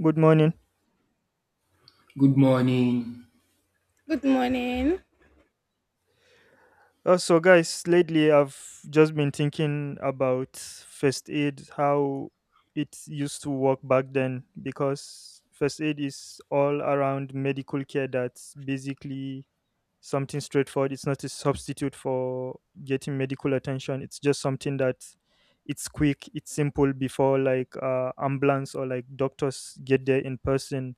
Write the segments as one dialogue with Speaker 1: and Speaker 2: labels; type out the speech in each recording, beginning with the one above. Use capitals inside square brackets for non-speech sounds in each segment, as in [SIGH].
Speaker 1: Good morning.
Speaker 2: Good morning.
Speaker 3: Good morning.
Speaker 1: So, guys, lately I've just been thinking about first aid, how it used to work back then, because first aid is all around medical care that's basically something straightforward. It's not a substitute for getting medical attention, it's just something that it's quick, it's simple before like ambulance or like doctors get there in person.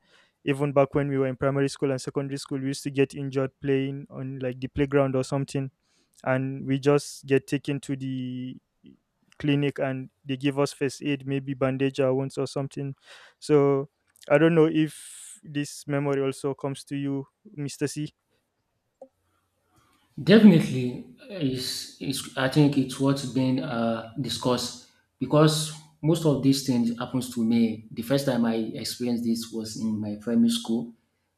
Speaker 1: Even back when we were in primary school and secondary school, we used to get injured playing on like the playground or something and we just get taken to the clinic and they give us first aid, maybe bandage our wounds or something. So I don't know if this memory also comes to you, Mr. C.
Speaker 2: Definitely, is I think it's what's been discussed because most of these things happens to me. The first time I experienced this was in my primary school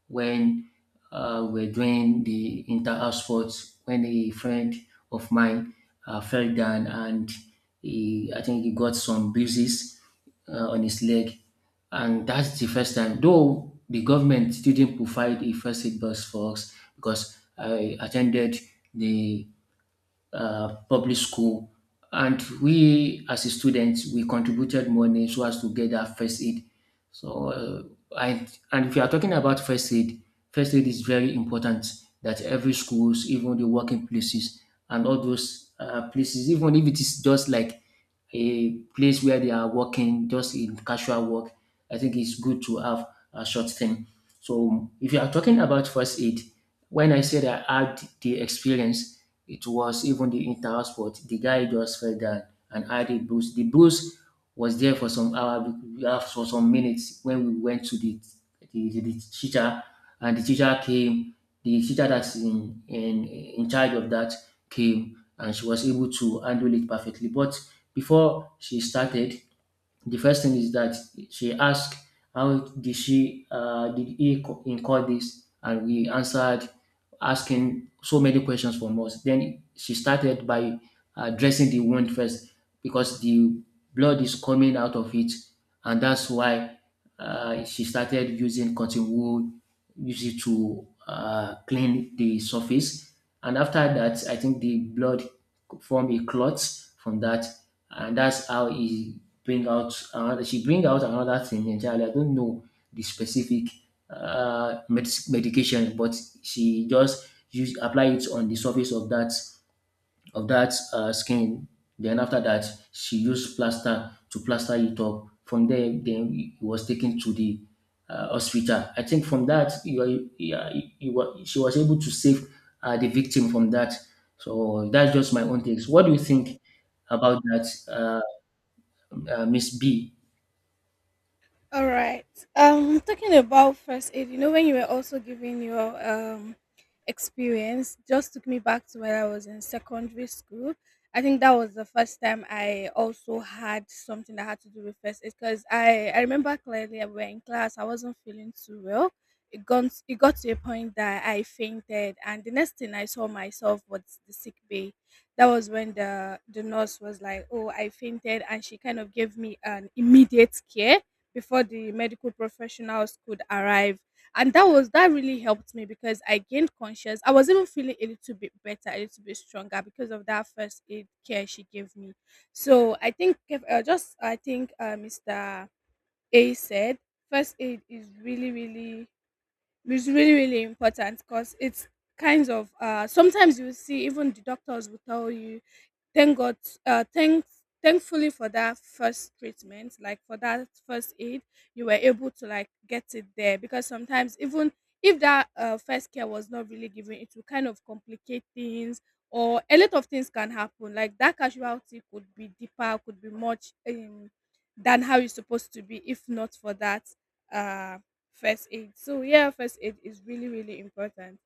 Speaker 2: when we're doing the inter-house sports. When a friend of mine fell down and I think he got some bruises on his leg. And that's the first time, though the government still didn't provide a first aid box for us because I attended the public school. And we, as a student, we contributed money so as to get that first aid. So, and if you are talking about first aid is very important that every schools, even the working places, and all those places, even if it is just like a place where they are working, just in casual work, I think it's good to have a short thing. So, if you are talking about first aid, when I said I had the experience, it was even the inter sport. The guy just fell down and had a bruise. The bruise was there for some hour, for some minutes when we went to the the teacher, and the teacher came. The teacher that's in charge of that came, and she was able to handle it perfectly. But before she started, the first thing is that she asked, "How did she? Did he incur this?" And we answered, asking so many questions from us. Then she started by dressing the wound first because the blood is coming out of it, and that's why she started using cotton wool, use it to clean the surface. And after that, I think the blood formed a clot from that, and that's how it bring out another she bring out another thing entirely. I don't know the specific medication, but she just use apply it on the surface of that skin. Then after that, she used plaster to plaster it up. From there, then he was taken to the hospital. I think from that, you, are- you, were- she was able to save the victim from that. So that's just my own takes. What do you think about that, Miss B?
Speaker 3: All right. Talking about first aid, when you were also giving your experience, just took me back to when I was in secondary school. I think that was the first time I also had something that had to do with first aid because I remember clearly I were in class. I wasn't feeling too well. It got to a point that I fainted, and the next thing I saw myself was the sick bay. That was when the nurse was like, "Oh, I fainted," and she kind of gave me an immediate care before the medical professionals could arrive, and that really helped me because I gained conscious. I was even feeling a little bit better, a little bit stronger because of that first aid care she gave me. So I think if, just I think Mr. A said first aid is really really important because it's kinds of, sometimes you will see even the doctors will tell you, "Thank God, uh, thanks, thankfully for that first treatment, like for that first aid, you were able to like get it there," because sometimes even if that first care was not really given, it will kind of complicate things or a lot of things can happen. Like that casualty could be deeper, could be much, than how it's supposed to be if not for that uh, first aid. So yeah, first aid is really really important.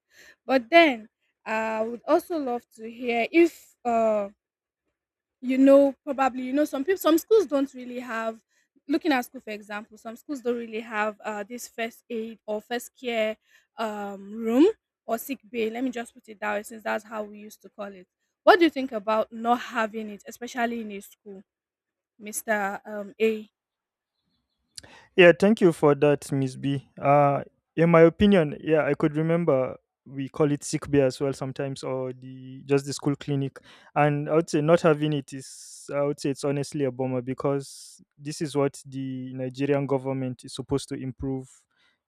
Speaker 3: But then I would also love to hear if. You know probably you know Some people, some schools don't really have, looking at school for example, some schools don't really have, this first aid or first care room or sick bay, let me just put it that way since that's how we used to call it. What do you think about not having it, especially in a school, Mr. A?
Speaker 1: Yeah, thank you for that, Miss B. In my opinion, yeah, I could remember we call it sick bay as well sometimes, or the just the school clinic. And I would say not having it is, I would say it's honestly a bummer because this is what the Nigerian government is supposed to improve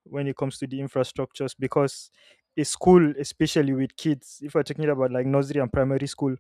Speaker 1: when it comes to the infrastructures. Because a school, especially with kids, if we're talking about like nursery and primary school,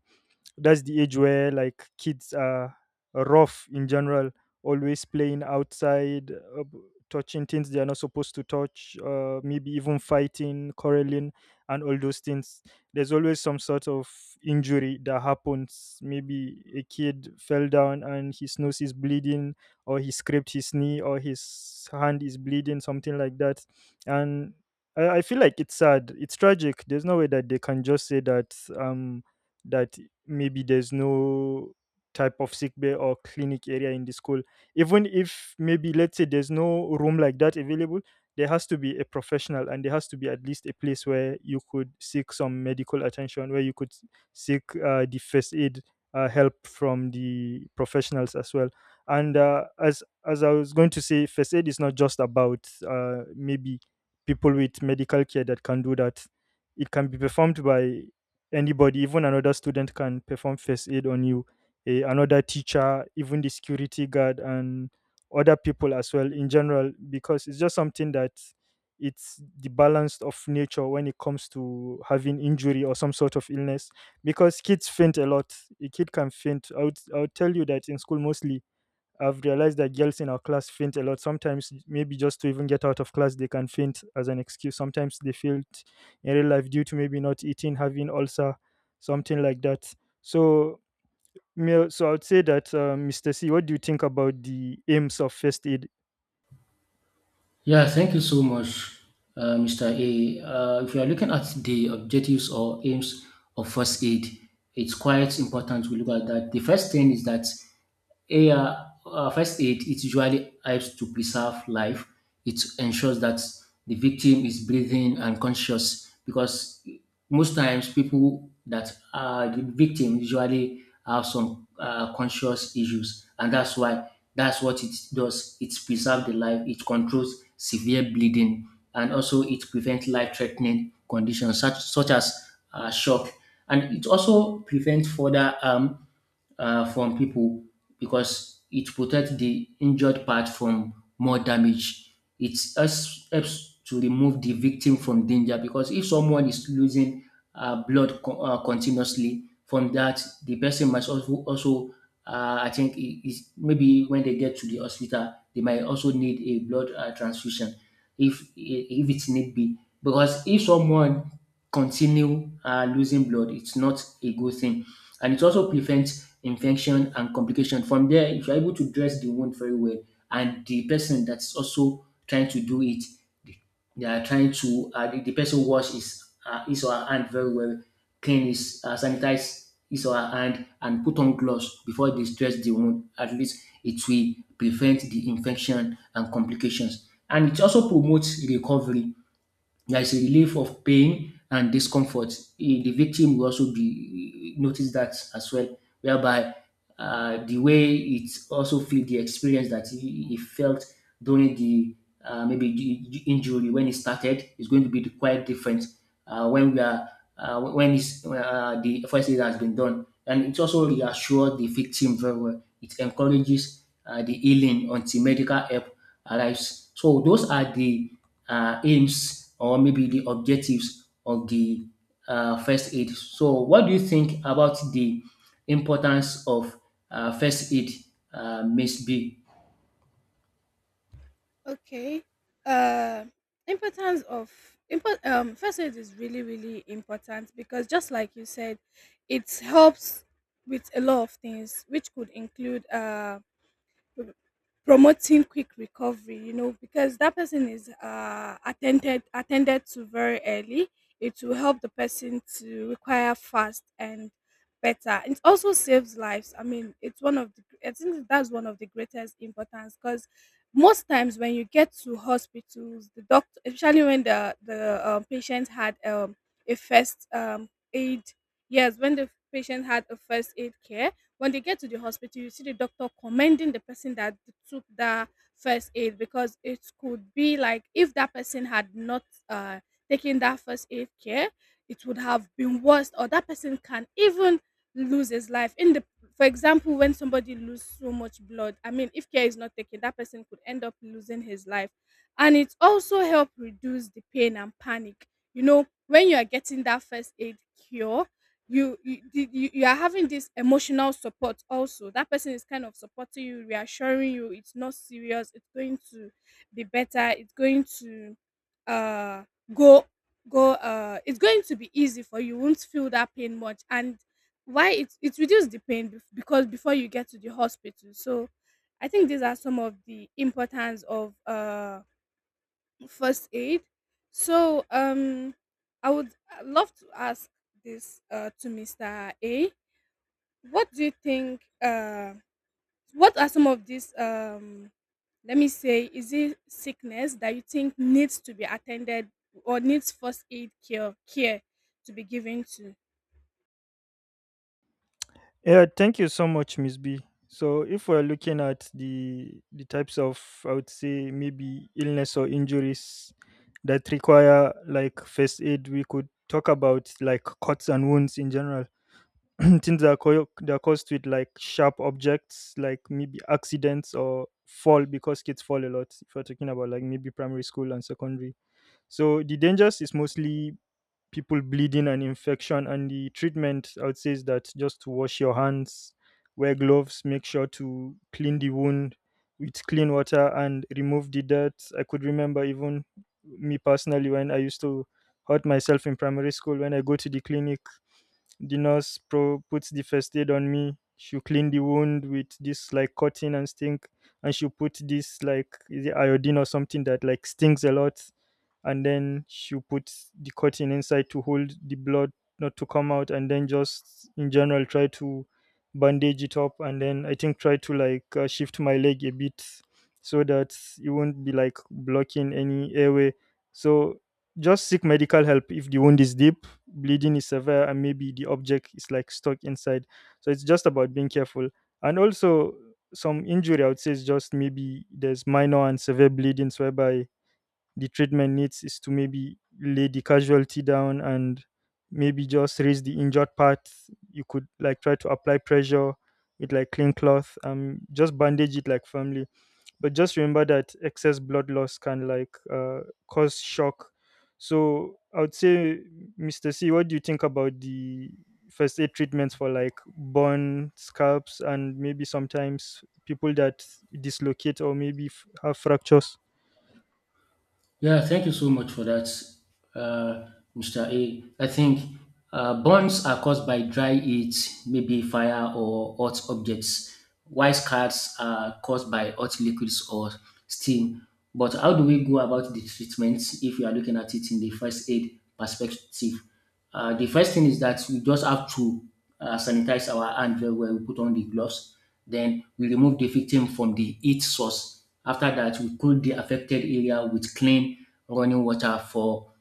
Speaker 1: that's the age where like kids are rough in general, always playing outside, touching things they are not supposed to touch, maybe even fighting, quarreling, and all those things. There's always some sort of injury that happens, maybe a kid fell down and his nose is bleeding or he scraped his knee or his hand is bleeding, something like that. And I feel like it's sad. It's tragic. There's no way that they can just say that that maybe there's no type of sick bay or clinic area in the school. Even if maybe let's say there's no room like that available, there has to be a professional and there has to be at least a place where you could seek some medical attention, where you could seek the first aid help from the professionals as well. And as I was going to say, first aid is not just about, maybe, people with medical care that can do that. It can be performed by anybody. Even another student can perform first aid on you. Another teacher, even the security guard, and other people as well in general, because it's just something that it's the balance of nature when it comes to having injury or some sort of illness. Because kids faint a lot. A kid can faint. I would tell you that in school mostly I've realized that girls in our class faint a lot. Sometimes, maybe just to even get out of class, they can faint as an excuse. Sometimes they faint in real life due to maybe not eating, having ulcer, something like that. So, so I would say that, Mr. C, what do you think about the aims of first aid?
Speaker 2: Yeah, thank you so much, Mr. A. If you are looking at the objectives or aims of first aid, it's quite important to look at that. The first thing is that yeah, first aid it usually helps to preserve life. It ensures that the victim is breathing and conscious because most times people that are the victim usually have some conscious issues, and that's why that's what it does. It preserves the life. It controls severe bleeding, and also it prevents life-threatening conditions such as shock, and it also prevents further harm from people because it protects the injured part from more damage. It helps to remove the victim from danger because if someone is losing continuously from that, the person also I think, is maybe when they get to the hospital, they might also need a blood transfusion if it need be. Because if someone continue losing blood. It's not a good thing. And it also prevents infection and complication. From there, if you're able to dress the wound very well, and the person that's also trying to do it, they are trying to, the person wash his or her hand very well, clean his, sanitize his or her hand, and put on gloves before they dress the wound. At least it will prevent the infection and complications. And it also promotes recovery there is a relief of pain and discomfort. The victim will also be notice that as well, whereby the way it also feel the experience that he felt during the maybe the injury when it started is going to be quite different when we are when it's, the first aid has been done, and it also reassures the victim very well. It encourages the healing until medical help arrives. So those are the aims or maybe the objectives of the first aid. So what do you think about the importance of first aid, Miss B?
Speaker 3: Okay. Uh, Importance of first aid is really, really important because just like you said, it helps with a lot of things, which could include, promoting quick recovery, you know, because that person is attended to very early. It will help the person to require fast and better. It also saves lives. I mean, it's one of the, I think that's one of the greatest importance because most times when you get to hospitals, the doctor, especially when the patient had a first aid, yes, when the patient had a first aid care, when they get to the hospital, you see the doctor commending the person that took that first aid because it could be like if that person had not uh, taken that first aid care, it would have been worse, or that person can even lose his life. In the, for example, when somebody loses so much blood, I mean, if care is not taken, that person could end up losing his life. And it also help reduce the pain and panic. You know, when you are getting that first aid cure, you, the- you are having this emotional support. Also, that person is kind of supporting you, reassuring you it's not serious, it's going to be better, it's going to, uh go go it's going to be easy for you, won't feel that pain much. And why it it reduces the pain because before you get to the hospital. So I think these are some of the importance of first aid. So I would love to ask this to Mr. A. What do you think? What are some of these? Let me say, is it sickness that you think needs to be attended or needs first aid care to be given to?
Speaker 1: Yeah, thank you so much, Miss B. So, if we're looking at the types of, I would say maybe illness or injuries that require like first aid, we could talk about like cuts and wounds in general, [CLEARS THROAT] things that are, that are caused with like sharp objects, like maybe accidents or fall, because kids fall a lot. If we're talking about like maybe primary school and secondary, so the dangers is mostly people bleeding and infection. And the treatment, I would say, is that just to wash your hands, wear gloves, make sure to clean the wound with clean water and remove the dirt. I could remember even me personally, when I used to hurt myself in primary school, when I go to the clinic the puts the first aid on me. She clean the wound with this like cotton and stink, and she put this like, is it iodine or something that like stings a lot, and then she put the cotton inside to hold the blood not to come out, and then just in general try to bandage it up, and then I think try to like shift my leg a bit so that it won't be like blocking any airway. So just seek medical help if the wound is deep, bleeding is severe, and maybe the object is like stuck inside. So it's just about being careful. And also, some injury, I would say, is just maybe there's minor and severe bleedings whereby the treatment needs is to maybe lay the casualty down and maybe just raise the injured part. You could like try to apply pressure with like clean cloth, just bandage it like firmly, but just remember that excess blood loss can like cause shock. So I would say, Mr. C, what do you think about the first aid treatments for like burn scalps and maybe sometimes people that dislocate or maybe have fractures?
Speaker 2: Yeah, thank you so much for that, uh, Mr. A. I think burns are caused by dry heat, maybe fire or hot objects. While scars are caused by hot liquids or steam. But how do we go about the treatment if we are looking at it in the first aid perspective? The first thing is that we just have to sanitize our hand very well. We put on the gloves, then we remove the victim from the heat source. After that, we cool the affected area with clean running water for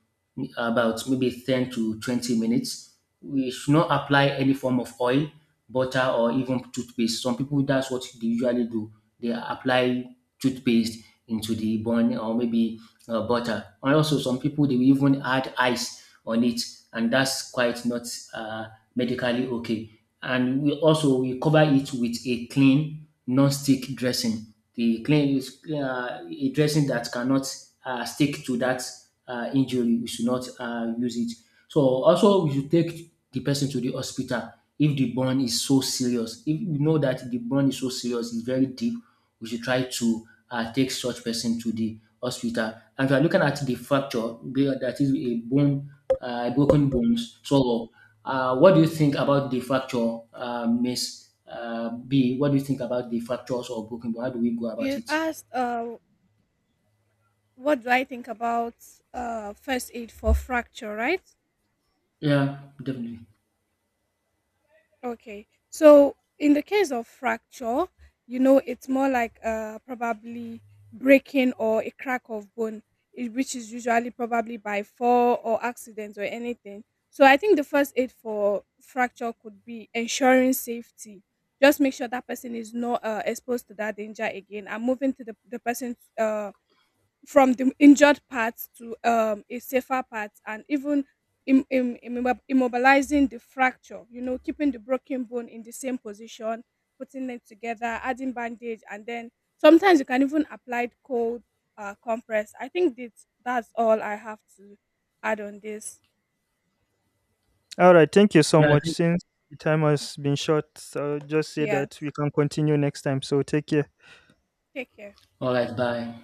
Speaker 2: about maybe 10 to 20 minutes. We should not apply any form of oil, butter, or even toothpaste. Some people, that's what they usually do. They apply toothpaste into the bun or maybe butter. And also, some people, they will even add ice on it, and that's quite not uh, medically okay. And we also we cover it with a clean non-stick dressing. The clean is a dressing that cannot stick to that injury, we should not use it. So also we should take the person to the hospital if the burn is so serious. If we know that the burn is so serious, it's very deep, we should try to take such person to the hospital. And if you are looking at the fracture, that is a bone, broken bones. So what do you think about the fracture, Miss B? What do you think about the fractures or broken bone? How do we go about
Speaker 3: You
Speaker 2: it?
Speaker 3: asked, what do I think about first aid for fracture, right?
Speaker 2: Yeah, definitely.
Speaker 3: Okay. So in the case of fracture, you know, it's more like probably breaking or a crack of bone, which is usually probably by fall or accidents or anything. So I think the first aid for fracture could be ensuring safety. Just make sure that person is not exposed to that danger again, and moving the person from the injured part to, a safer part, and even immobilizing the fracture, you know, keeping the broken bone in the same position, putting them together, adding bandage, and then sometimes you can even apply cold, compress. I think that that's all I have to add on this.
Speaker 1: All right, thank you so
Speaker 2: Yeah, I
Speaker 1: much.
Speaker 2: think.
Speaker 1: Since the time has been short, I'll just say that
Speaker 3: Yes,
Speaker 1: we can continue next time, so take care.
Speaker 3: take care.
Speaker 2: All right, bye.